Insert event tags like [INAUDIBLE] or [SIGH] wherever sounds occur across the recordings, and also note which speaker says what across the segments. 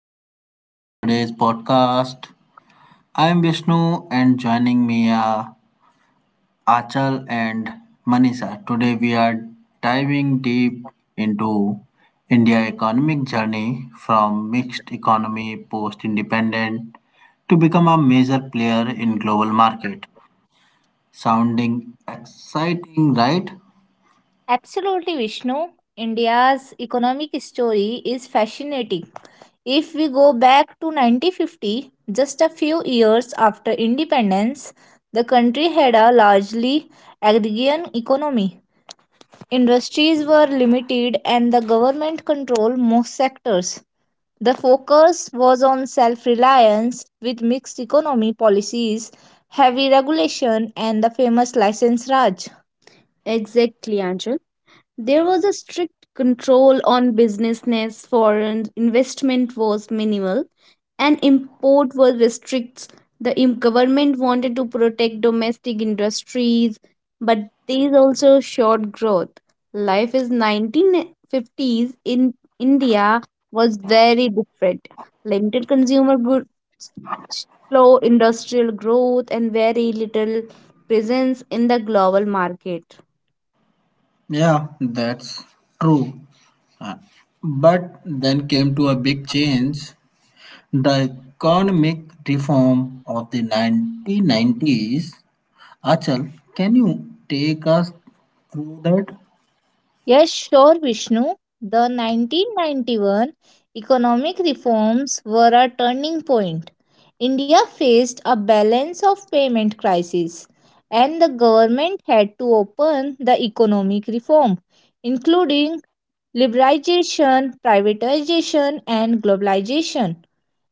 Speaker 1: and welcome to today's podcast. I am Vishnu, and joining me are Achal and Manisha. Today, we are diving deep into India economic journey from mixed economy post independent to become a major player in global market. Sounding exciting, right?
Speaker 2: Absolutely, Vishnu. India's economic story is fascinating. If we go back to 1950, just a few years after independence, the country had a largely agrarian economy. Industries were limited and the government controlled most sectors. The focus was on self-reliance with mixed economy policies, heavy regulation and the famous license Raj. Exactly, Anju. There was a strict control on businessness, foreign investment was minimal, and import was restricts. The government wanted to protect domestic industries, but these also showed growth. Life is 1950s in India was very different. Limited consumer goods, slow industrial growth, and very little presence in the global market.
Speaker 1: Yeah, that's true. Uh, But then came to a big change. The economic reform of the 1990s. Achal, can you take us through that?
Speaker 2: Yes, sure, Vishnu. The 1991 economic reforms were a turning point. India faced a balance of payment crisis, and the government had to open the economic reform, including liberalization, privatization, and globalization.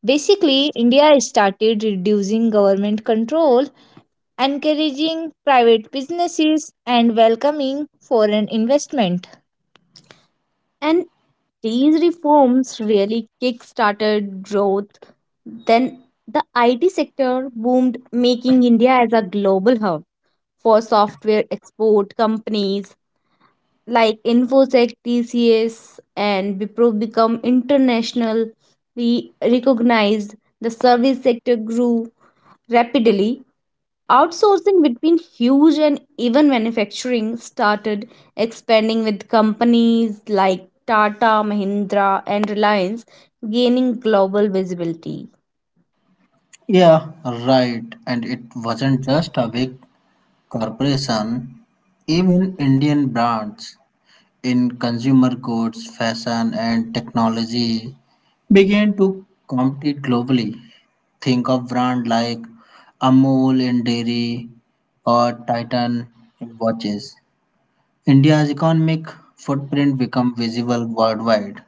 Speaker 2: Basically, India started reducing government control, encouraging private businesses, and welcoming foreign investment. And these reforms really started growth then the hub for software export companies like Infosec, TCS, and Wipro become internationally recognized. The service sector grew rapidly. Outsourcing between huge and even manufacturing started expanding with companies like Tata, Mahindra, and Reliance gaining global visibility.
Speaker 1: Yeah, right. And it wasn't just a big corporation, even Indian brands in consumer goods, fashion, and technology began to compete globally. Think of brands like Amul in dairy or Titan in watches. India's economic footprint become visible worldwide.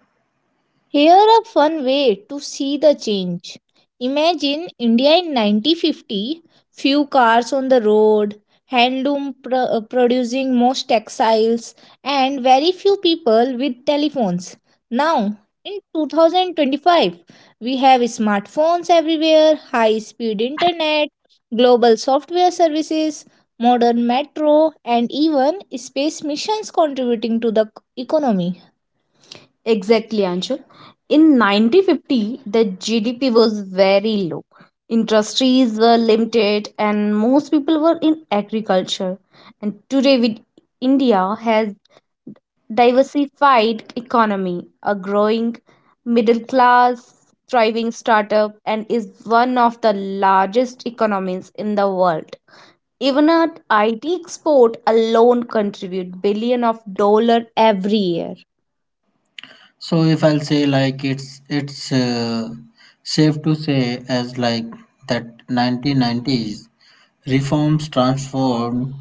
Speaker 2: Here a fun way to see the change. Imagine India in 1950, few cars on the road, handloom producing most textiles, and very few people with telephones. Now, in 2025, we have smartphones everywhere, high speed internet, global software services, modern metro, and even space missions contributing to the economy. Exactly, Anshul. In 1950, the GDP was very low. Industries were limited, and most people were in agriculture. And today, with India has diversified economy, a growing middle class, thriving startup, and is one of the largest economies in the world. Even our IT export alone contribute billion of dollar every year.
Speaker 1: So if I'll say like it's safe to say as like that 1990s reforms transformed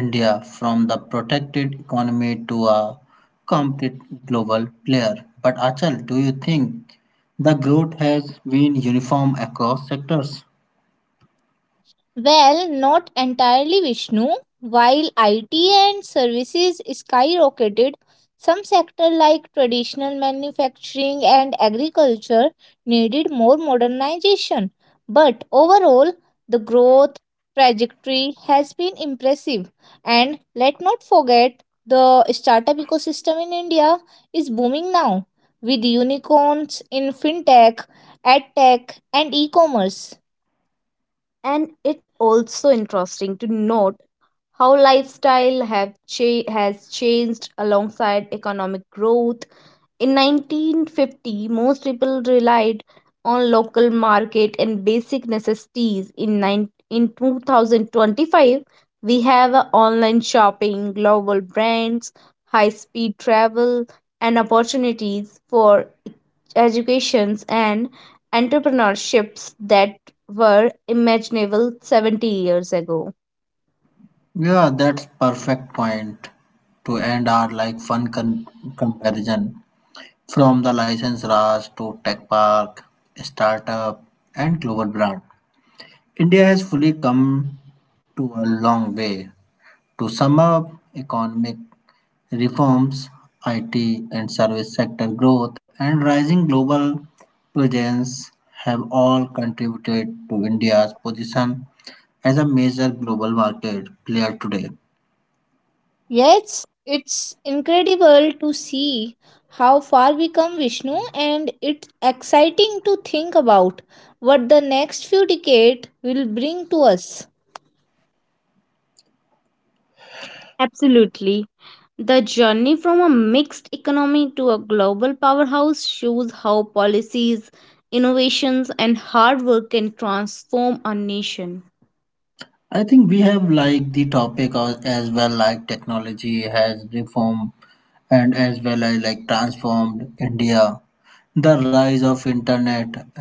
Speaker 1: India from the protected economy to a complete global player. But Achal, do you think the growth has been uniform across sectors?
Speaker 2: Well, not entirely Vishnu. While IT and services skyrocketed, some sectors like traditional manufacturing and agriculture needed more modernization. But overall, the growth trajectory has been impressive. And let not forget, the startup ecosystem in India is booming now, with unicorns in fintech, edtech, and e commerce and it also interesting to note how lifestyle have has changed alongside economic growth in 1950 most people relied on local market and basic necessities in nine in 2025 we have a online shopping global brands high speed travel and opportunities for educations and entrepreneurships that were imaginable 70 years ago.
Speaker 1: Yeah, that's perfect point to end our like fun comparison. From the license Raj to tech park, startup, and global brand, India has fully come to a long way. To sum up, economic reforms, IT and service sector growth, and rising global presence have all contributed to India's position as a major global market player today.
Speaker 2: Yes, it's incredible to see how far we come, Vishnu, and it's exciting to think about what the next few decades will bring to us. Absolutely. The journey from a mixed economy to a global powerhouse shows how policies, innovations, and hard work can transform a nation.
Speaker 1: I think we have like the topic of as well like technology has reform and as well as like transformed India. The rise of internet uh,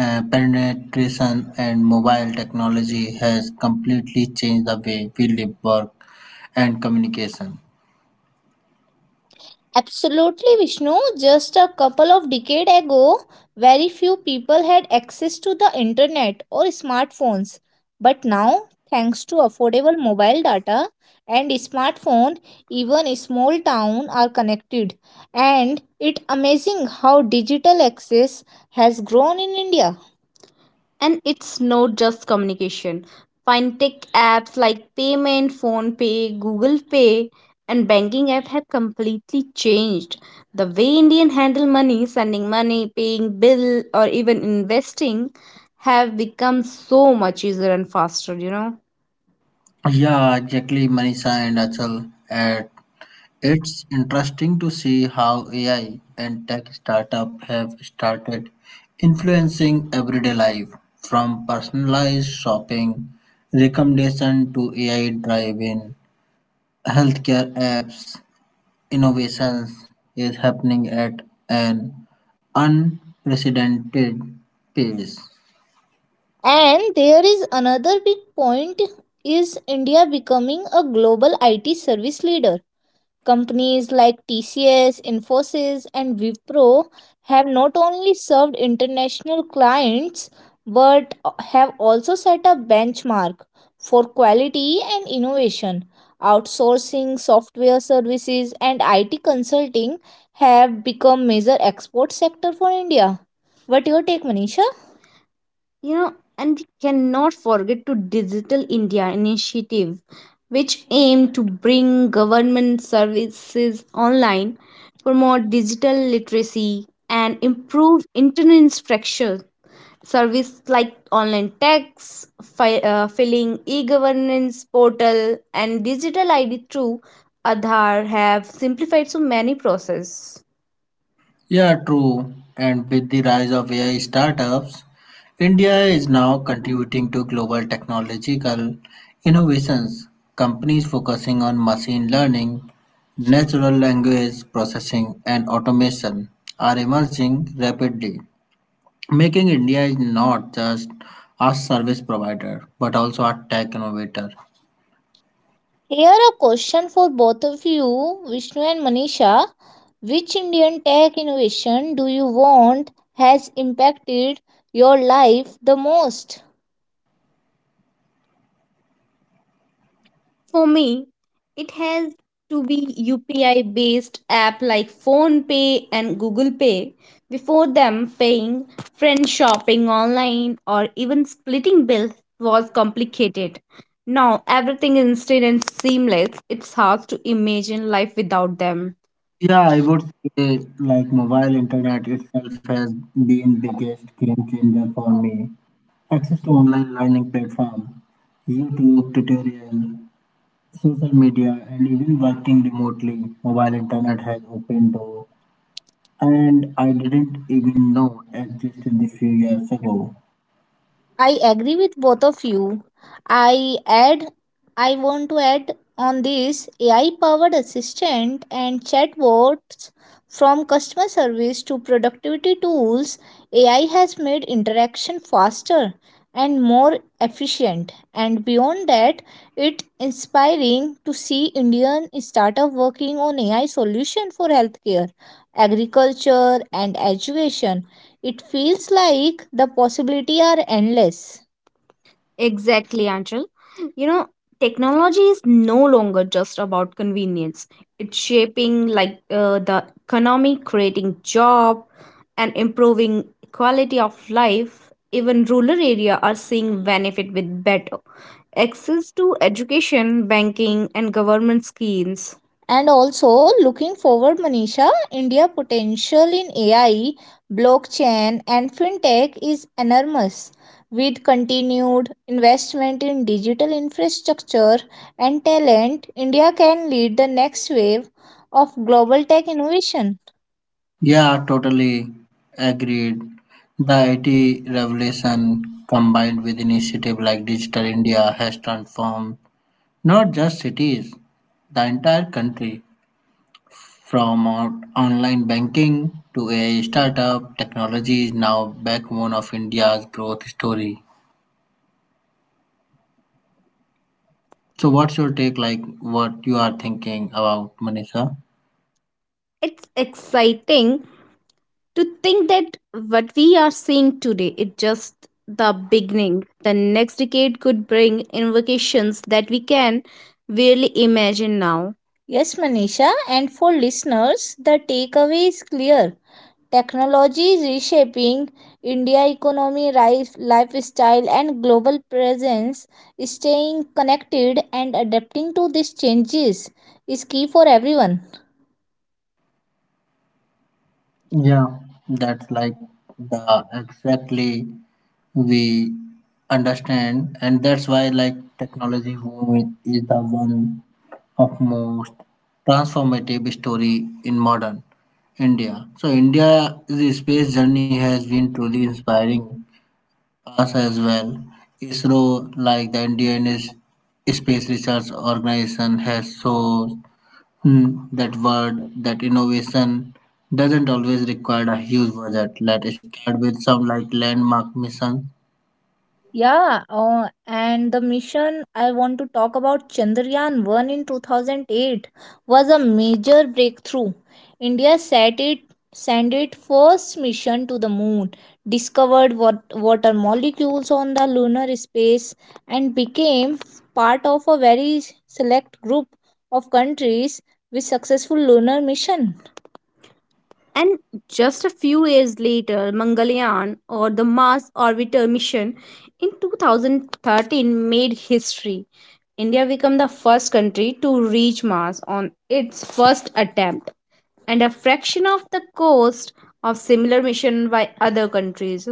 Speaker 1: penetration and mobile technology has completely changed the way we live, work, and communication.
Speaker 2: Absolutely, Vishnu. Just a couple of decades ago, very few people had access to the internet or smartphones. But now, thanks to affordable mobile data and smartphone, even a small town are connected. And it amazing how digital access has grown in India. And it's not just communication. Fintech apps like Payment, Phone Pay, Google Pay, and banking app have completely changed the way Indian handle money, sending money, paying bill, or even investing have become so much easier and faster, you know.
Speaker 1: Yeah, exactly, Manisha and Achal. And it's interesting to see how AI and tech startup have started influencing everyday life, from personalized shopping recommendation to AI drive-in healthcare apps innovations is happening at an unprecedented pace.
Speaker 2: And there is another big point is India becoming a global IT service leader. Companies like TCS, Infosys, and Wipro have not only served international clients but have also set a benchmark for quality and innovation. Outsourcing, software services, and IT consulting have become major export sector for India. What your take, Manisha? And we cannot forget to digital india initiative which aim to bring government services online, promote digital literacy, and improve internet structure. Service like online tax, filling e-governance portal, and digital ID through Aadhaar have simplified so many processes.
Speaker 1: Yeah, true. And with the rise of AI startups, India is now contributing to global technological innovations. Companies focusing on machine learning, natural language processing, and automation are emerging rapidly, making India is not just a service provider, but also a tech innovator.
Speaker 2: Here a question for both of you, Vishnu and Manisha. Which Indian tech innovation do you want has impacted your life the most? For me, it has to be UPI based app like PhonePay and Google Pay. Before them, paying friend shopping online or even splitting bills was complicated. Now everything is instant and seamless. It's hard to imagine life without them.
Speaker 1: Yeah, I would say like mobile internet itself has been biggest game changer for me. Access to online learning platform, YouTube tutorial, social media, and even working remotely, mobile internet has opened door and I didn't even know existed a few years ago.
Speaker 2: I agree with both of you. I add I want to add on this AI powered assistant and chatbots from customer service to productivity tools. AI has made interaction faster and more efficient and beyond that it's inspiring to see Indian startup working on AI solution for healthcare, agriculture and education it feels like the possibility are endless. Exactly, Angel. You know, technology is no longer just about convenience. It's shaping the economy, creating job, and improving quality of life. Even rural area are seeing benefit with better access to education, banking, and government schemes. And also looking forward, Manisha, India potential in AI, blockchain, and fintech is enormous. With continued investment in digital infrastructure and talent, India can lead the next wave of global tech innovation.
Speaker 1: Yeah, totally agreed. The IT revolution combined with initiative like Digital India has transformed not just cities, the entire country. From online banking to AI startup, technology is now backbone of India's growth story. So what's your take like what you are thinking about Manisha?
Speaker 2: It's exciting to think that what we are seeing today is just the beginning. The next decade could bring invocations that we can barely imagine now. Yes, Manisha, and for listeners, the takeaway is clear. Technology is reshaping India economy, life, lifestyle, and global presence. Staying connected and adapting to these changes is key for everyone.
Speaker 1: Yeah, that's like the exactly we understand and that's why like technology boom is the one of most transformative story in modern India. So India's space journey has been truly inspiring us as well. ISRO, like the Indian space research organization, has shown hmm, that word that innovation doesn't always require a huge budget. Let's start with some like landmark missions.
Speaker 2: Yeah, and the mission I want to talk about Chandrayaan 1 in 2008 was a major breakthrough. India set it, sent its first mission to the moon, discovered what water molecules on the lunar space, and became part of a very select group of countries with successful lunar mission. And just a few years later, Mangalyaan or the Mars Orbiter mission in 2013 made history. India became the first country to reach Mars on its first attempt and a fraction of the cost of similar mission by other countries.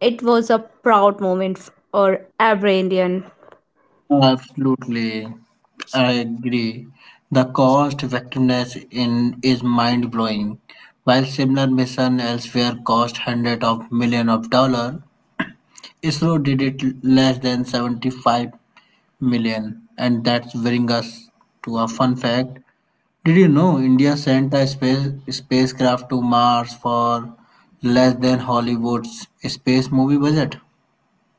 Speaker 2: It was a proud moment for every Indian.
Speaker 1: Absolutely, I agree. The cost effectiveness in is mind blowing. While similar mission elsewhere cost hundreds of millions of dollars, ISRO did it less than 75 million. And that's bring us to a fun fact. Did you know India sent a spacecraft to Mars for less than Hollywood's space movie budget?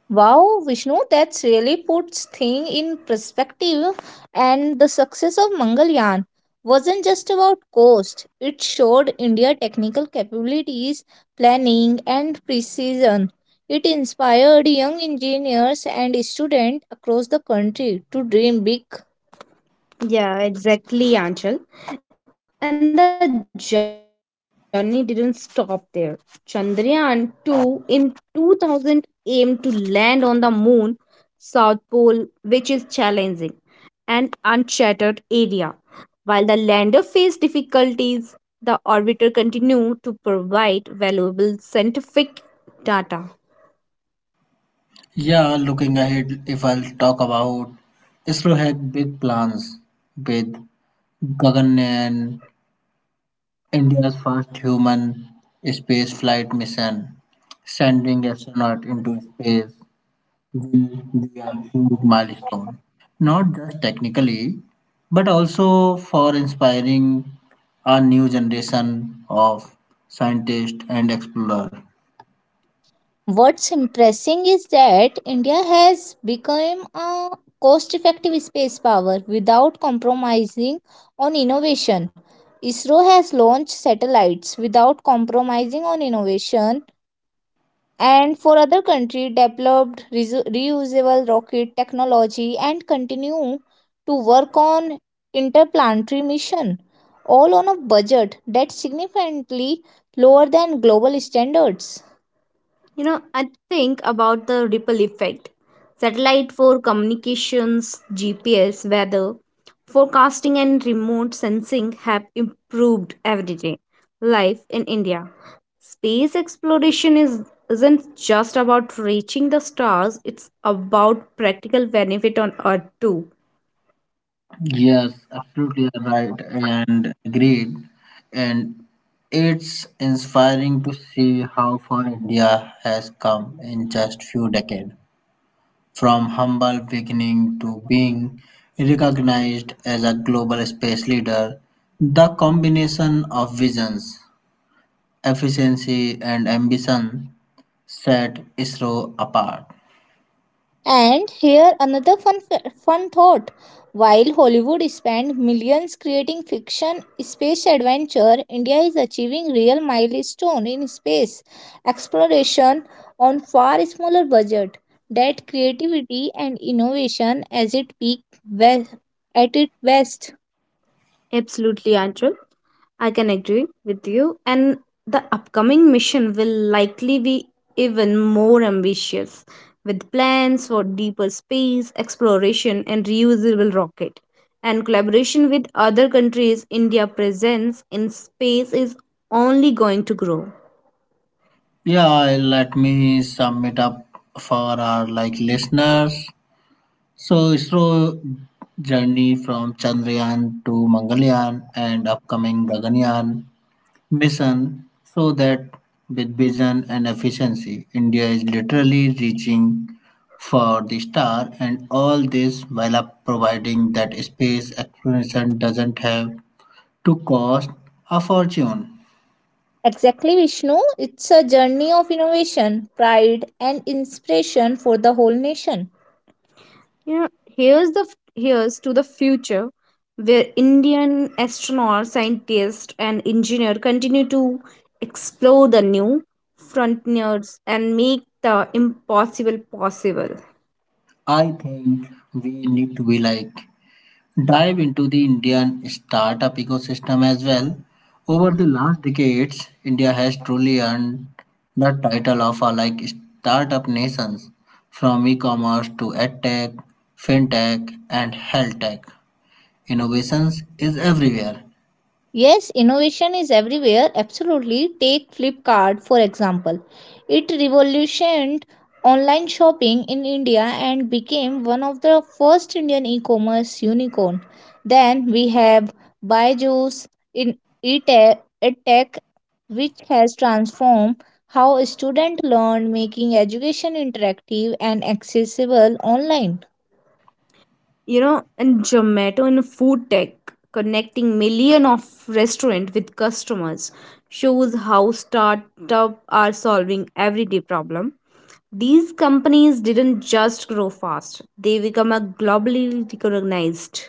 Speaker 2: Wow, Vishnu, that's really puts thing in perspective. And the success of Mangalyaan wasn't just about cost; it showed India technical capabilities, planning, and precision. It inspired young engineers and students across the country to dream big yeah, exactly, Anchal. And the journey didn't stop there. Chandrayaan 2 in 2000 aimed to land on the moon, South Pole, which is challenging, and uncharted area. While the lander faced difficulties, the orbiter continued to provide valuable scientific data.
Speaker 1: Yeah, looking ahead, if I'll talk about ISRO had big plans with Gagan and India's first human space flight mission, sending astronaut into space will be a huge milestone, not just technically, but also for inspiring a new generation of scientists and explorers.
Speaker 2: What's impressing is that India has become a cost effective space power without compromising on innovation. ISRO has launched satellites without compromising on innovation. And for other countries, developed reusable rocket technology and continue to work on interplanetary mission, all on a budget that's significantly lower than global standards. You know, I think about the ripple effect. Satellite for communications, GPS, weather, forecasting, and remote sensing have improved everyday life in India. Space exploration is isn't just about reaching the stars, it's about practical benefit on Earth too.
Speaker 1: Yes, absolutely right and agreed. And it's inspiring to see how far India has come in just few decades, from humble beginning to being recognized as a global space leader. The combination of visions, efficiency, and ambition set ISRO apart.
Speaker 2: And here another fun thought. While Hollywood spent millions creating fiction space adventure, India is achieving real milestone in space exploration on far smaller budget. That creativity and innovation as it peak we- at its best. Absolutely, Anchal. I can agree with you, and the upcoming mission will likely be even more ambitious with plans for deeper space exploration and reusable rocket. And collaboration with other countries, India's presence in space is only going to grow.
Speaker 1: Yeah, let me sum it up for our like listeners. So ISRO journey from Chandrayaan to Mangalyaan and upcoming Gaganyaan mission, so that with vision and efficiency, India is literally reaching for the star and all this while up providing that space exploration doesn't have to cost a fortune.
Speaker 2: Exactly, Vishnu. It's a journey of innovation, pride, and inspiration for the whole nation. You know, here's the f- here's to the future where Indian astronauts, scientists, and engineers continue to explore the new frontiers and make the impossible possible.
Speaker 1: I think we need to be like dive into the Indian startup ecosystem as well. Over the last decades, India has truly earned the title of a like startup nations from e-commerce to edtech, fintech and health tech. Innovations is everywhere.
Speaker 2: Yes, innovation is everywhere. Absolutely. Take Flipkart, for example. It revolutionized online shopping in India and became one of the first Indian e commerce unicorn. Then we have Byju's in EdTech, EdTech, which has transformed how students learn, making education interactive and accessible online you know and zomato and food tech connecting million of restaurant with customers shows how startup are solving everyday problem these companies didn't just grow fast they become a globally recognized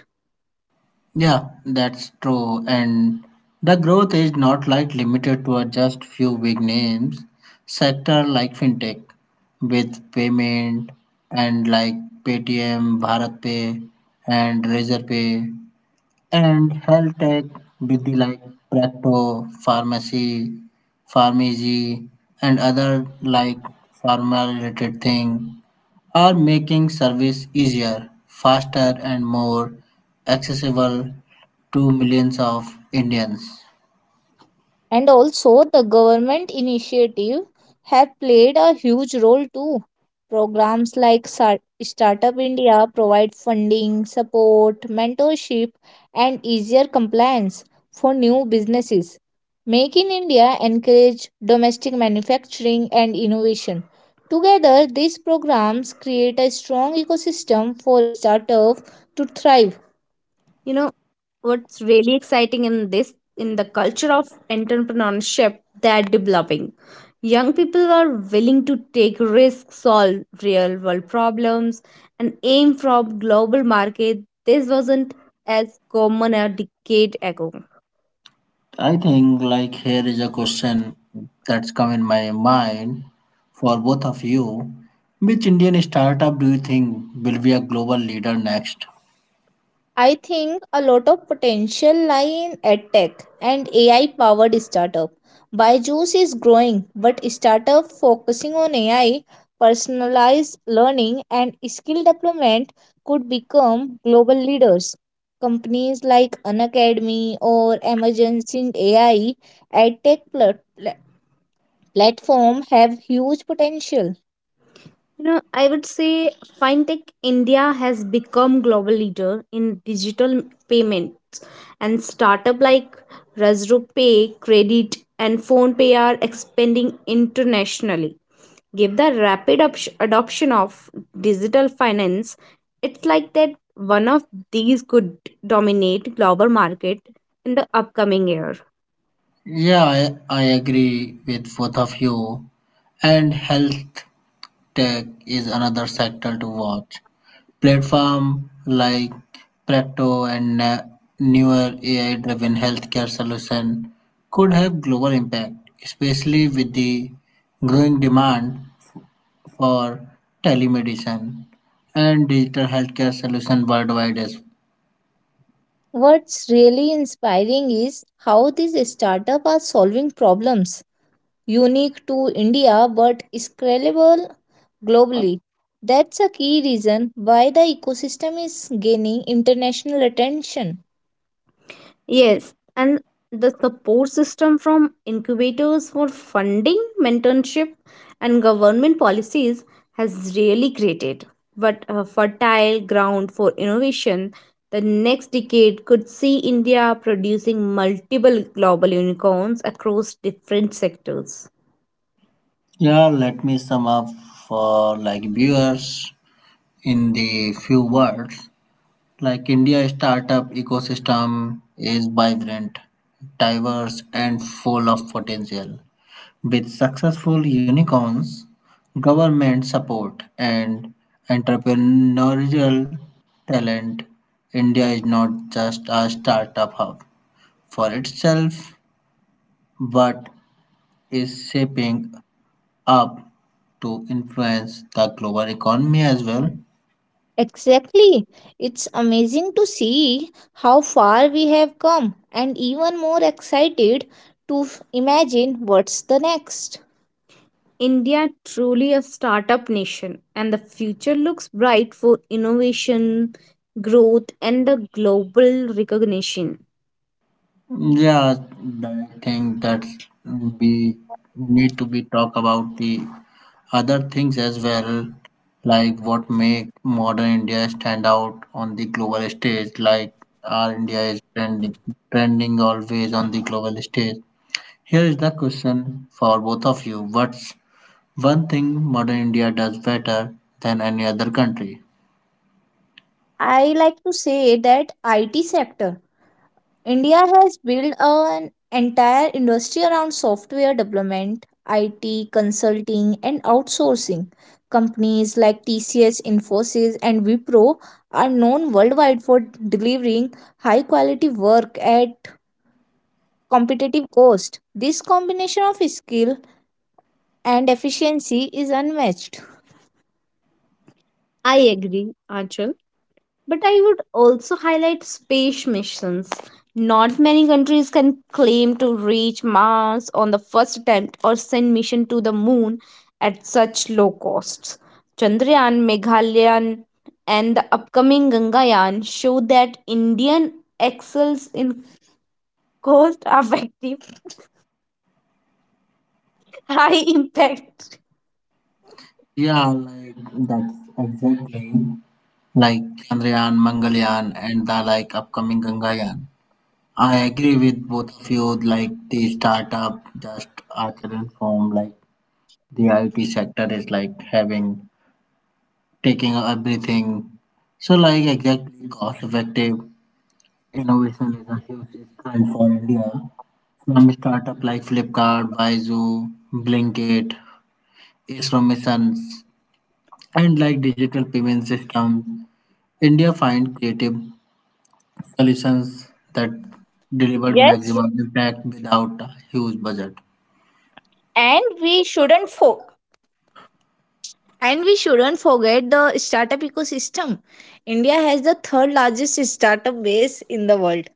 Speaker 1: Yeah, that's true. And the growth is not like limited to a just few big names. Sector like fintech with payment and like Paytm, BharatPay and Razorpay and health tech with the like Practo, Pharmacy, Pharmacy and other like pharma related thing are making service easier, faster, and more accessible to millions of Indians.
Speaker 2: and also the government initiative have played a huge role too programs like startup india provide funding support mentorship and easier compliance for new businesses make in india encourage domestic manufacturing and innovation together these programs create a strong ecosystem for startups to thrive you know, what's really exciting in this, in the culture of entrepreneurship that developing. Young people are willing to take risks, solve real world problems, and aim for global market. This wasn't as common a decade ago.
Speaker 1: I think like here is a question that's come in my mind for both of you. Which Indian startup do you think will be a global leader next?
Speaker 2: I think a lot of potential lie in edtech and AI powered startup. Byju's is growing, but startup focusing on AI, personalized learning, and skill development could become global leaders. Companies like Unacademy or Emergence in AI edtech platform have huge potential. You know, I would say FinTech India has become global leader in digital payments and startup like Razru Pay, Credit and Phonepe are expanding internationally. Give the rapid adoption of digital finance, it's like that one of these could dominate global market in the upcoming year.
Speaker 1: Yeah, I agree with both of you. And health tech is another sector to watch. Platform like Practo and newer AI-driven healthcare solution could have global impact, especially with the growing demand for telemedicine and digital healthcare solution worldwide. As well.
Speaker 2: What's really inspiring is how these startups are solving problems unique to India but scalable globally. That's a key reason why the ecosystem is gaining international attention. Yes, and the support system from incubators for funding, mentorship, and government policies has really created but a fertile ground for innovation. The next decade could see India producing multiple global unicorns across different sectors.
Speaker 1: Yeah, let me sum up for like viewers in the few words. Like India startup ecosystem is vibrant, diverse, and full of potential. With successful unicorns, government support, and entrepreneurial talent, India is not just a startup hub for itself but is shaping up to influence the global economy as well.
Speaker 2: Exactly. It's amazing to see how far we have come, and even more excited to imagine what's the next. India truly a startup nation and the future looks bright for innovation, growth and the global recognition.
Speaker 1: Yeah, I think that we need to be talk about the other things as well, like what make modern India stand out on the global stage, like our India is trending always on the global stage. Here is the question for both of you: What's one thing modern India does better than any other country?
Speaker 2: I like to say that IT sector India has built an entire industry around software development, IT, consulting, and outsourcing. Companies like TCS, Infosys, and Wipro are known worldwide for delivering high quality work at competitive cost. This combination of skill and efficiency is unmatched. I agree, Anchal. But I would also highlight space missions. Not many countries can claim to reach Mars on the first attempt or send mission to the moon at such low costs. Chandrayaan, Meghalayan, and the upcoming Gangayaan show that Indian excels in cost effective, [LAUGHS] high impact.
Speaker 1: Yeah, like that's exactly like Chandrayaan, Mangalyaan, and the like upcoming Gangayaan. I agree with both of you. Like the startup just are current form, like the IT sector is like having taking everything. So like exactly cost effective innovation is a huge trend for India. From startup like Flipkart, Bizoo, Blinkit, ISRO missions, and like digital payment systems, India find creative solutions that
Speaker 2: Yes,
Speaker 1: deliver maximum impact without a huge budget.
Speaker 2: and we shouldn't fo- And we shouldn't forget the startup ecosystem. India has the third largest startup base in the world.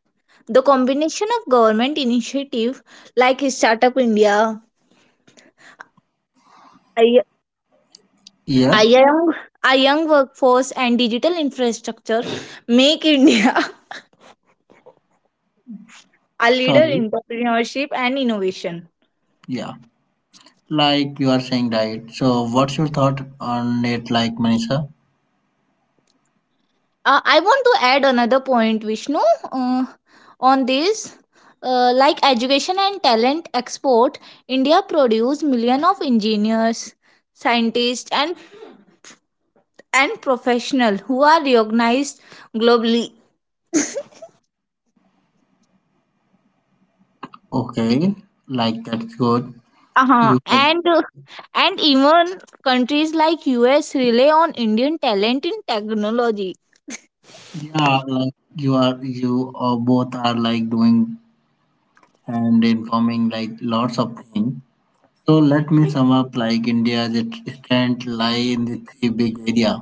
Speaker 2: The combination of government initiative like Startup India, I-
Speaker 1: Yeah,
Speaker 2: IIM, a young workforce and digital infrastructure make India [LAUGHS] a leader
Speaker 1: sorry.
Speaker 2: in entrepreneurship and innovation.
Speaker 1: Yeah. Like you are saying, right? So, what's your thought on it, like Manisha?
Speaker 2: I want to add another point, Vishnu, uh, on this. Like education and talent export, India produce millions of engineers, scientists, and professionals who are recognized globally.
Speaker 1: Okay, like that's good.
Speaker 2: Uh-huh.
Speaker 1: You can,
Speaker 2: And even countries like US rely on Indian talent in technology.
Speaker 1: yeah, like you are, you or both are like doing and informing like lots of things. So, let me sum up like India's strength lie in the three big area: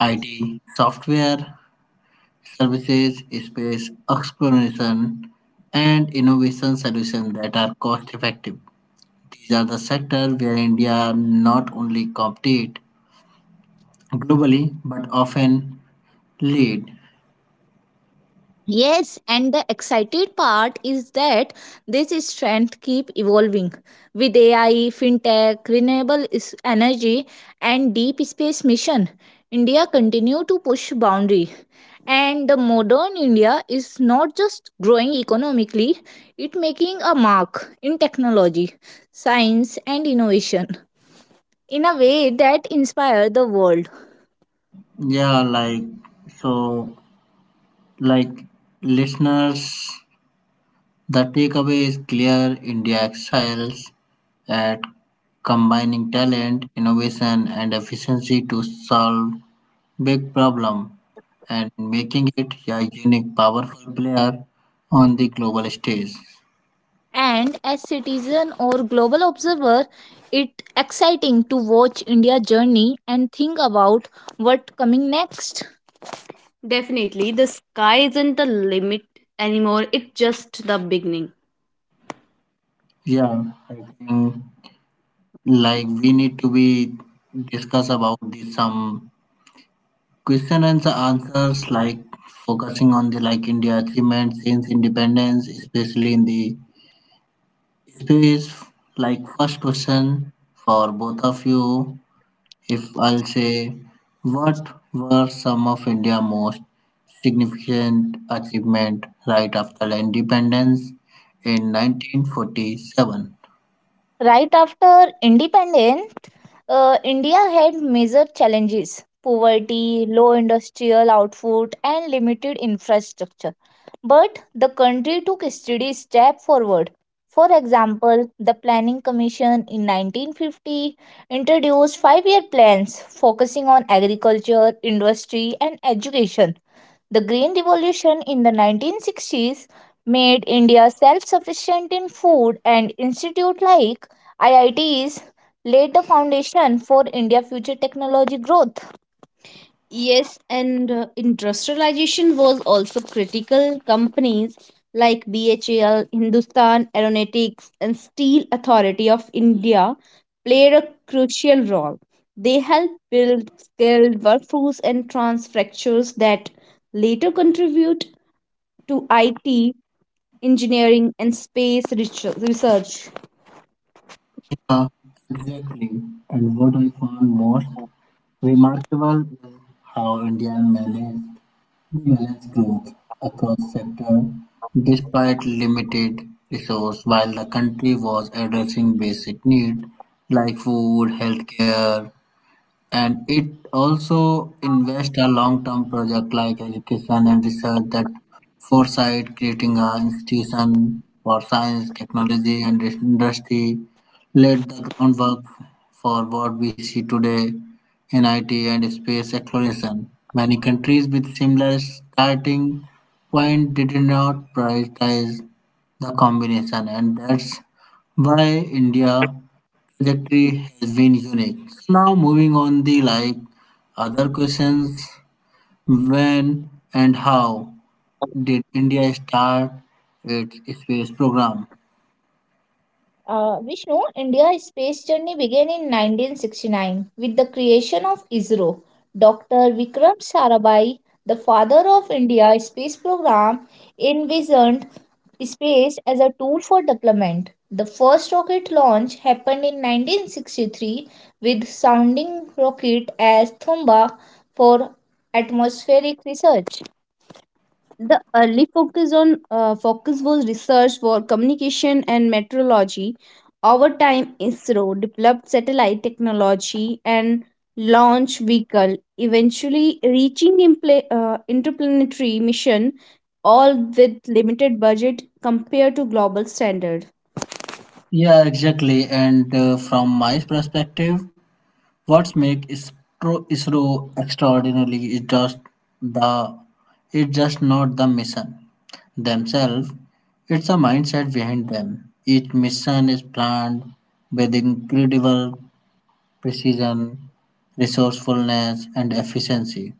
Speaker 1: IT, software, services, space exploration, and innovation solutions that are cost effective. These are the sectors where India not only compete globally but often lead.
Speaker 2: Yes, and the excited part is that this strength keep evolving with AI, fintech, energy, and deep space mission. India continue to push boundary, and the modern India is not just growing economically; it making a mark in technology, science, and innovation in a way that inspire the world.
Speaker 1: Yeah, like so, like listeners, the takeaway is clear. India excels at combining talent, innovation, and efficiency to solve big problem and making it a unique, powerful player on the global stage.
Speaker 2: And as citizen or global observer it exciting to watch india journey and think about what coming next. Definitely, the sky isn't the limit anymore, it's just the beginning.
Speaker 1: Yeah, I think like we need to be discuss about this some question and answers like focusing on the like India achievement since independence, especially in the space. Like first question for both of you, if I'll say, what were some of India most significant achievement right after independence in 1947?
Speaker 2: Right after independence india had major challenges poverty low industrial output and limited infrastructure. But the country took a steady step forward. For example, the Planning Commission in 1950 introduced 5 year plans focusing on agriculture, industry, and education. The Green Revolution in the 1960s made India self sufficient in food, and institutes like IITs laid the foundation for India's future technology growth. Yes, and industrialization was also critical. Companies like BHEL, Hindustan Aeronautics, and Steel Authority of India played a crucial role. They helped build skilled workforce and transfectures that later contribute to IT, engineering, and space research.
Speaker 1: Uh, exactly, and what I found most remarkable is how India managed the balanced growth across sectors despite limited resources while the country was addressing basic needs like food, healthcare, and it also invest a long-term project like education and research. That foresight creating a institution for science technology and industry laid the groundwork for what we see today in it and space exploration. Many countries with similar starting point did not prioritize the combination and that's why India trajectory has been unique. So now moving on the like other questions, when and how did India start its space program?
Speaker 2: Vishnu, India's space journey began in 1969 with the creation of ISRO. Dr. Vikram Sarabhai, the father of India's space program, envisioned space as a tool for development. The first rocket launch happened in 1963 with sounding rocket as Thumba for atmospheric research. The early focus was research for communication and meteorology. Over time, ISRO developed satellite technology and launch vehicle, eventually reaching interplanetary mission, all with limited budget compared to global standards.
Speaker 1: Yeah, exactly. And from my perspective, what makes ISRO extraordinarily is just the it's just not the mission themselves. It's a mindset behind them. Each mission is planned with incredible precision, resourcefulness, and efficiency.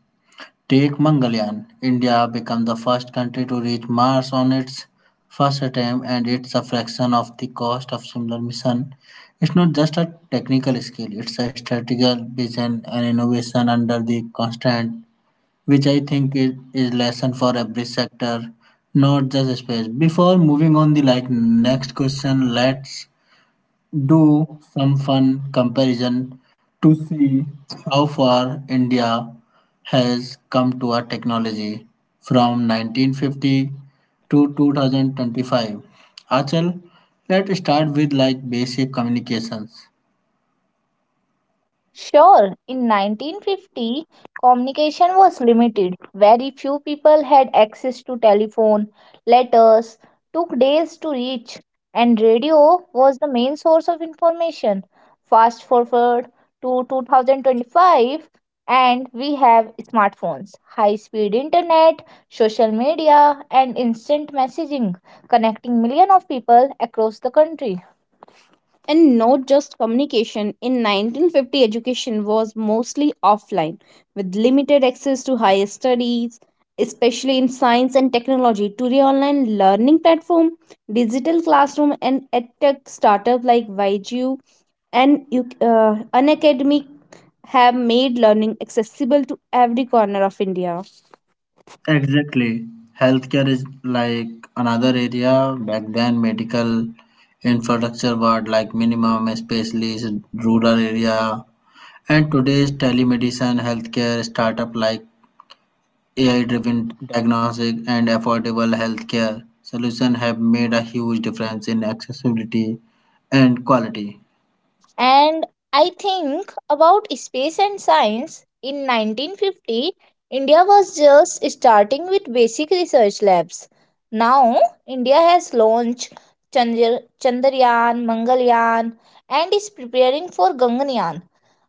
Speaker 1: Take Mangalyaan. India became the first country to reach Mars on its first attempt, and it's a fraction of the cost of similar mission. It's not just a technical skill; it's a strategic vision and innovation under the constant, which I think is lesson for every sector, not just space. Before moving on the like next question, let's do some fun comparison to see how far India has come to our technology from 1950 to 2025. Achal, let's start with like basic communications.
Speaker 2: Sure, in 1950, communication was limited. Very few people had access to telephone, letters took days to reach, and radio was the main source of information. Fast forward to 2025, and we have smartphones, high speed internet, social media, and instant messaging connecting millions of people across the country. And not just communication, in 1950 education was mostly offline with limited access to higher studies especially in science and technology. Today online learning platform digital classroom and edtech startup like YGU and unacademic have made learning accessible to every corner of india.
Speaker 1: Exactly. Healthcare is like another area. Back then, medical infrastructure was like minimum, especially in rural area. And today's telemedicine, healthcare startup like AI-driven diagnostic and affordable healthcare solutions have made a huge difference in accessibility and quality.
Speaker 2: And I think about space and science. In 1950, India was just starting with basic research labs. Now, India has launched Chandrayaan, Mangalyaan, and is preparing for Ganganayaan.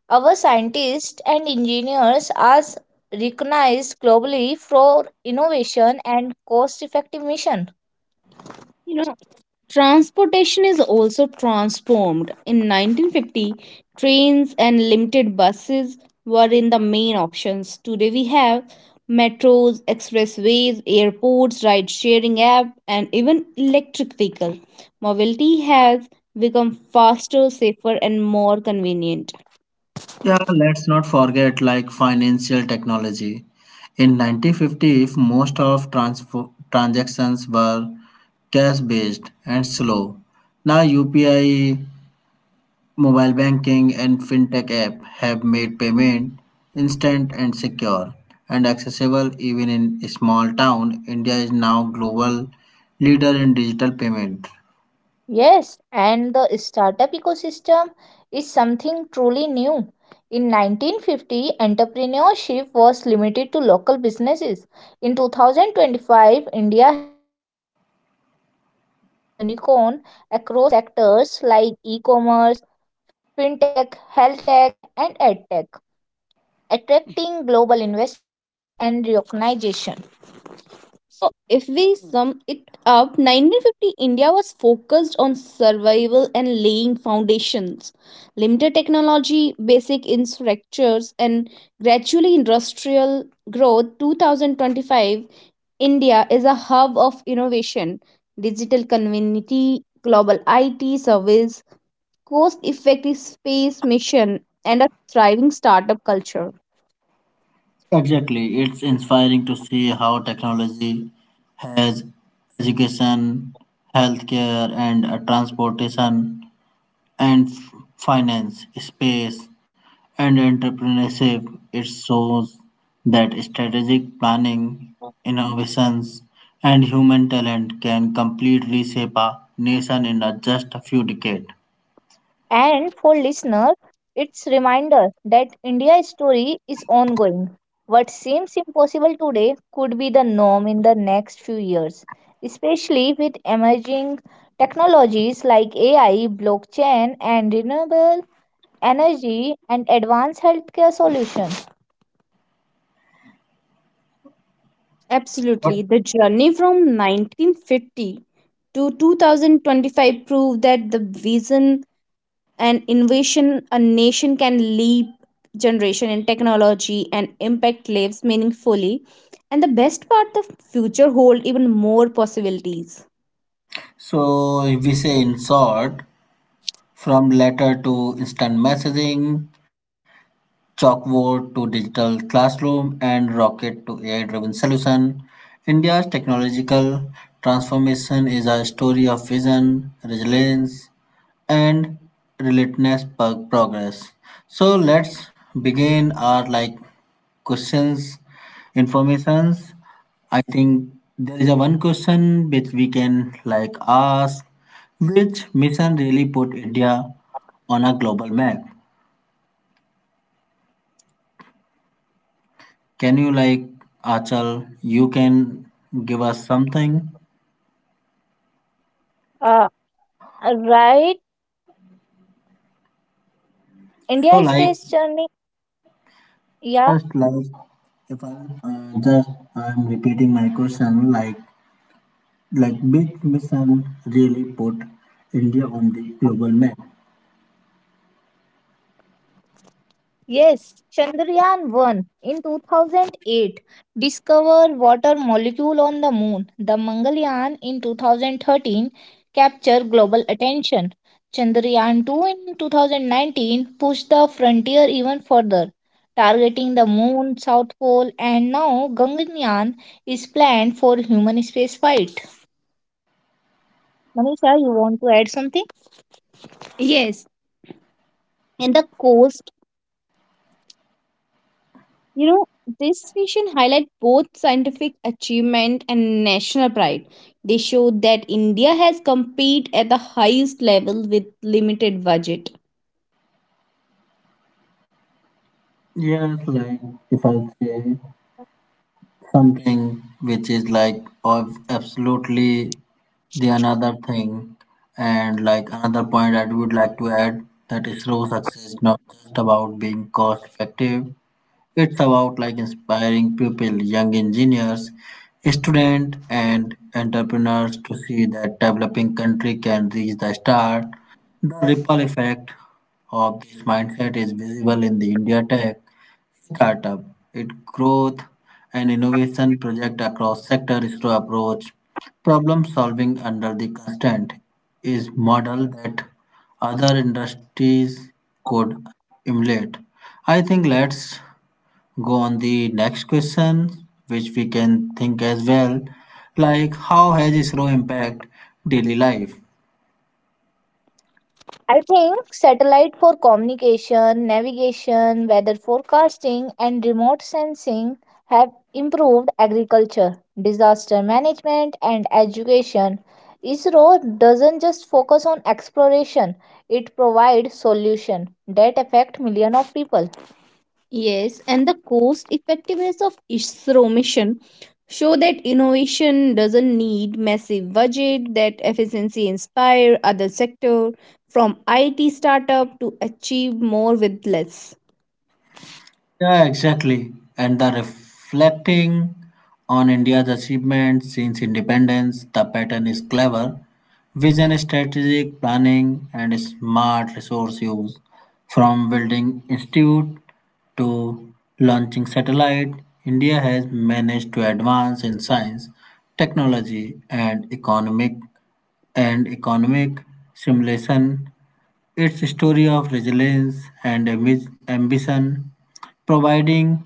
Speaker 2: Our scientists and engineers are recognized globally for innovation and cost effective mission. Transportation is also transformed. In 1950, trains and limited buses were in the main options. Today we have metros, expressways, airports, ride sharing app and even electric vehicle. Mobility has become faster, safer and more convenient.
Speaker 1: Yeah, let's not forget like financial technology. In 1950, if most of transactions were cash based and slow. Now UPI Mobile banking and fintech app have made payment instant and secure and accessible even in a small town. India is now global leader in digital payment.
Speaker 2: Yes, and the startup ecosystem is something truly new. In 1950, entrepreneurship was limited to local businesses. In 2025, India has hundreds of unicorn across sectors like e-commerce, fintech, health tech, and edtech, attracting global investment and recognition. So, if we sum it up, 1950 India was focused on survival and laying foundations. Limited technology, basic infrastructures, and gradually industrial growth. 2025, India is a hub of innovation, digital community, global IT service, cost effective space mission, and a thriving startup culture.
Speaker 1: Exactly, it's inspiring to see how technology has education, healthcare, and transportation and finance, space, and entrepreneurship. It shows that strategic planning, innovations, and human talent can completely shape a nation in a just a few decades.
Speaker 2: And for listener, it's reminder that India's story is ongoing. What seems impossible today could be the norm in the next few years, especially with emerging technologies like AI, blockchain, and renewable energy and advanced healthcare solutions.
Speaker 1: But-
Speaker 2: Absolutely. The journey from 1950 to 2025 proved that the vision an invasion a nation can leap generation in technology and impact lives meaningfully and the best part the future hold even more possibilities.
Speaker 1: So, if we say in short, from letter to instant messaging, chalkboard to digital classroom and rocket to AI driven solution, India's technological transformation is a story of vision, resilience, and relentless progress. So let's begin our like questions, informations. I think there is a one question which we can like ask: which mission really put India on a global map? Can you like Achal? You can give us something.
Speaker 2: Uh, right. India
Speaker 1: So like
Speaker 2: space journey. Yeah.
Speaker 1: just like if I just I'm repeating my question like big mission really put India on the global map.
Speaker 2: Yes, Chandrayaan 1 in 2008 discovered water molecule on the moon. The Mangalyaan in 2013 captured global attention. Chandrayaan 2 in 2019 pushed the frontier even further, targeting the moon, south pole, and now Gaganyaan is planned for human spaceflight. Manisha, you want to add something? Yes, and the course you know, this vision highlight both scientific achievement and national pride. They show that India has competed at the highest level with limited budget.
Speaker 1: Yes, like if I say something which is like of absolutely the another thing and like another point I would like to add that ISRO success is not just about being cost effective. It's about like inspiring people, young engineers, students, and entrepreneurs to see that developing country can reach the star. The ripple effect of this mindset is visible in the India Tech startup, its growth and innovation project across sector ISRO approach. Problem solving under the constraint is model that other industries could emulate. I think let's go on the next question, which we can think as well, like how has slow impact daily life?
Speaker 2: I think satellite for communication, navigation, weather forecasting, and remote sensing have improved agriculture, disaster management, and education. ISRO doesn't just focus on exploration, it provides solutions that affect millions of people. Yes, and the cost effectiveness of ISRO mission show that innovation doesn't need massive budget, that efficiency inspire other sector from IT startup to achieve more with less.
Speaker 1: Yeah, exactly. And the reflecting on India's achievements since independence, the pattern is clever: vision, strategic planning, and smart resource use. From building institute to launching satellite, India has managed to advance in science, technology, and economic simulation. It's a story of resilience and ambition, providing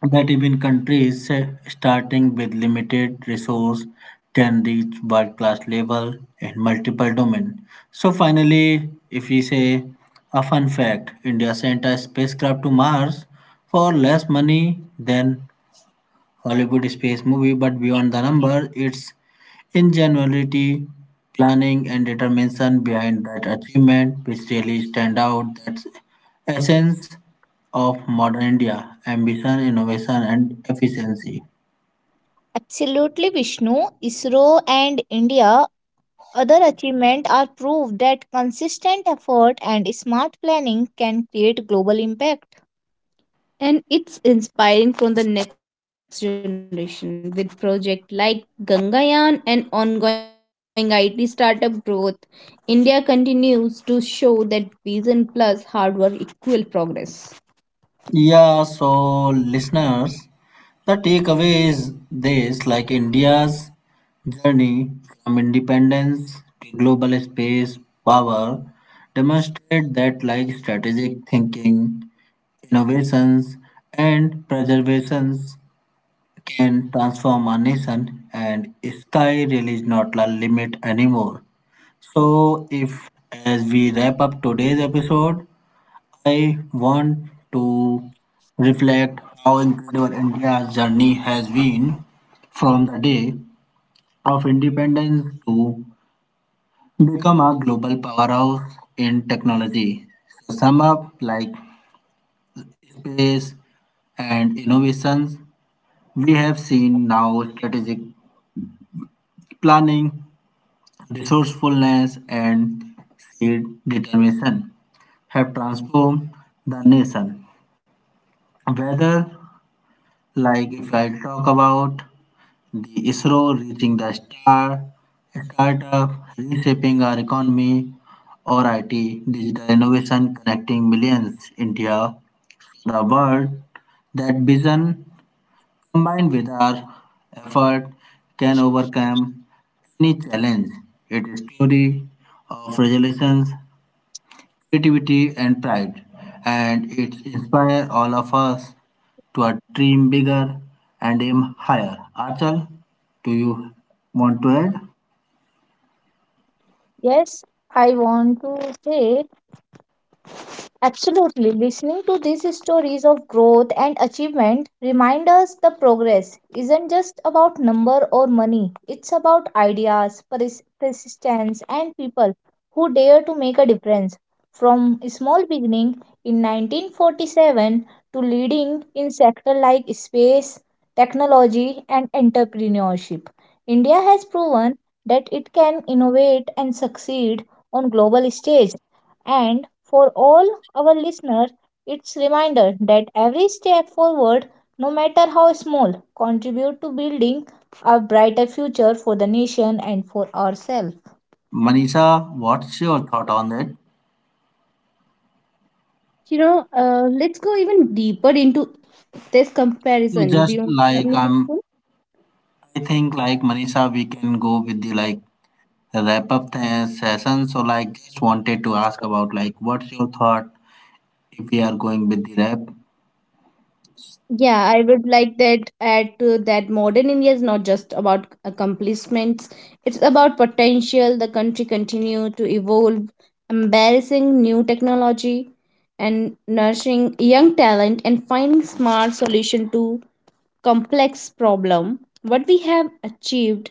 Speaker 1: that even countries starting with limited resource can reach world class level in multiple domains. So finally, if we say a fun fact, India sent a spacecraft to Mars for less money than Hollywood space movie, but beyond the number, its ingenuity, planning, and determination behind that achievement, which really stand out. That's essence of modern India: ambition, innovation, and efficiency.
Speaker 2: Absolutely, Vishnu. ISRO and India other achievement are proof that consistent effort and smart planning can create global impact. And it's inspiring from the next generation with projects like Gangayaan and ongoing IT startup growth. India continues to show that vision plus hard work equal progress.
Speaker 1: Yeah, so listeners, the takeaway is this, like India's journey from independence to global space power demonstrate that like strategic thinking, innovations and preservations can transform a nation, and sky really is not a limit anymore. So, if as we wrap up today's episode, I want to reflect how incredible India's journey has been from the day of independence to become a global powerhouse in technology. So, sum up like space and innovations, we have seen now strategic planning, resourcefulness, and seed determination have transformed the nation. Whether, like if I talk about the ISRO reaching the star, startup reshaping our economy, or IT digital innovation connecting millions India the world, that vision combined with our effort can overcome any challenge. It is story of resolutions, creativity, and pride, and it inspires all of us to a dream bigger and aim higher. Achal, do you want to add?
Speaker 2: Yes, I want to say absolutely. Listening to these stories of growth and achievement remind us the progress isn't just about number or money. It's about ideas, persistence, and people who dare to make a difference. From a small beginning in 1947 to leading in sectors like space, technology, and entrepreneurship, India has proven that it can innovate and succeed on global stage and for all our listeners, it's reminder that every step forward, no matter how small, contribute to building a brighter future for the nation and for ourselves.
Speaker 1: Manisha, what's your thought on it?
Speaker 2: Let's go even deeper into this
Speaker 1: So
Speaker 2: comparison
Speaker 1: just
Speaker 2: beyond
Speaker 1: like
Speaker 2: communication.
Speaker 1: I think like Manisha, we can go with the like wrap up the session. So like, just wanted to ask about like, what's your thought if we are going with the wrap?
Speaker 2: Yeah, I would like that add to that modern India is not just about accomplishments. It's about potential. The country continue to evolve, embarrassing new technology and nurturing young talent and finding smart solution to complex problem. What we have achieved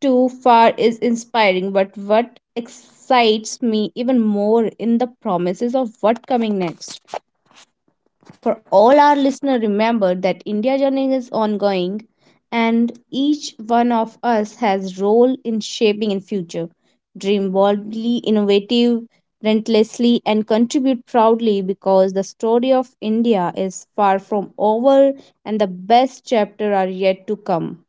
Speaker 2: too far is inspiring, but what excites me even more in the promises of what coming next. For all our listeners, remember that India journey is ongoing and each one of us has role in shaping in future. Dream boldly, innovative, relentlessly and contribute proudly because the story of India is far from over and the best chapter are yet to come.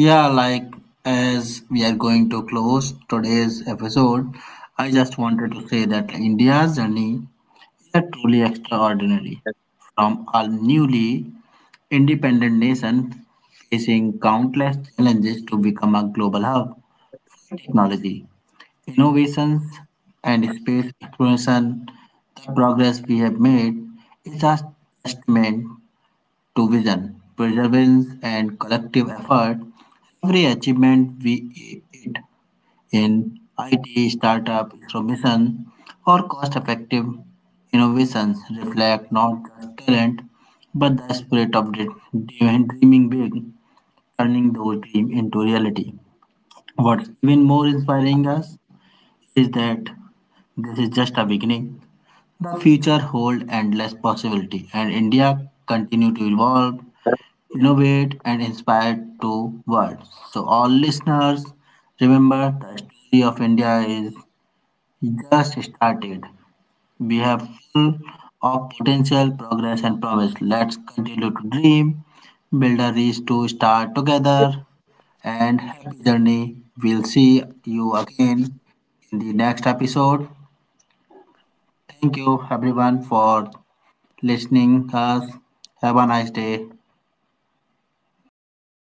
Speaker 1: Yeah, like as we are going to close today's episode, I just wanted to say that India's journey is a truly extraordinary. From a newly independent nation facing countless challenges to become a global hub for technology, innovations, and space exploration, the progress we have made is a testament to vision, perseverance, and collective effort, every achievement we it in IT, startup, innovation, or cost-effective innovations reflect not just talent but the spirit of dreaming big, turning those dreams into reality. What's even more inspiring us is that this is just a beginning. The future holds endless possibility, and India continue to evolve innovate and inspire to world. So all listeners, remember the story of India is just started. We have full of potential, progress and promise. Let's continue to dream, build a reach to start together and happy journey. We'll see you again in the next episode. Thank you everyone for listening us. Have a nice day.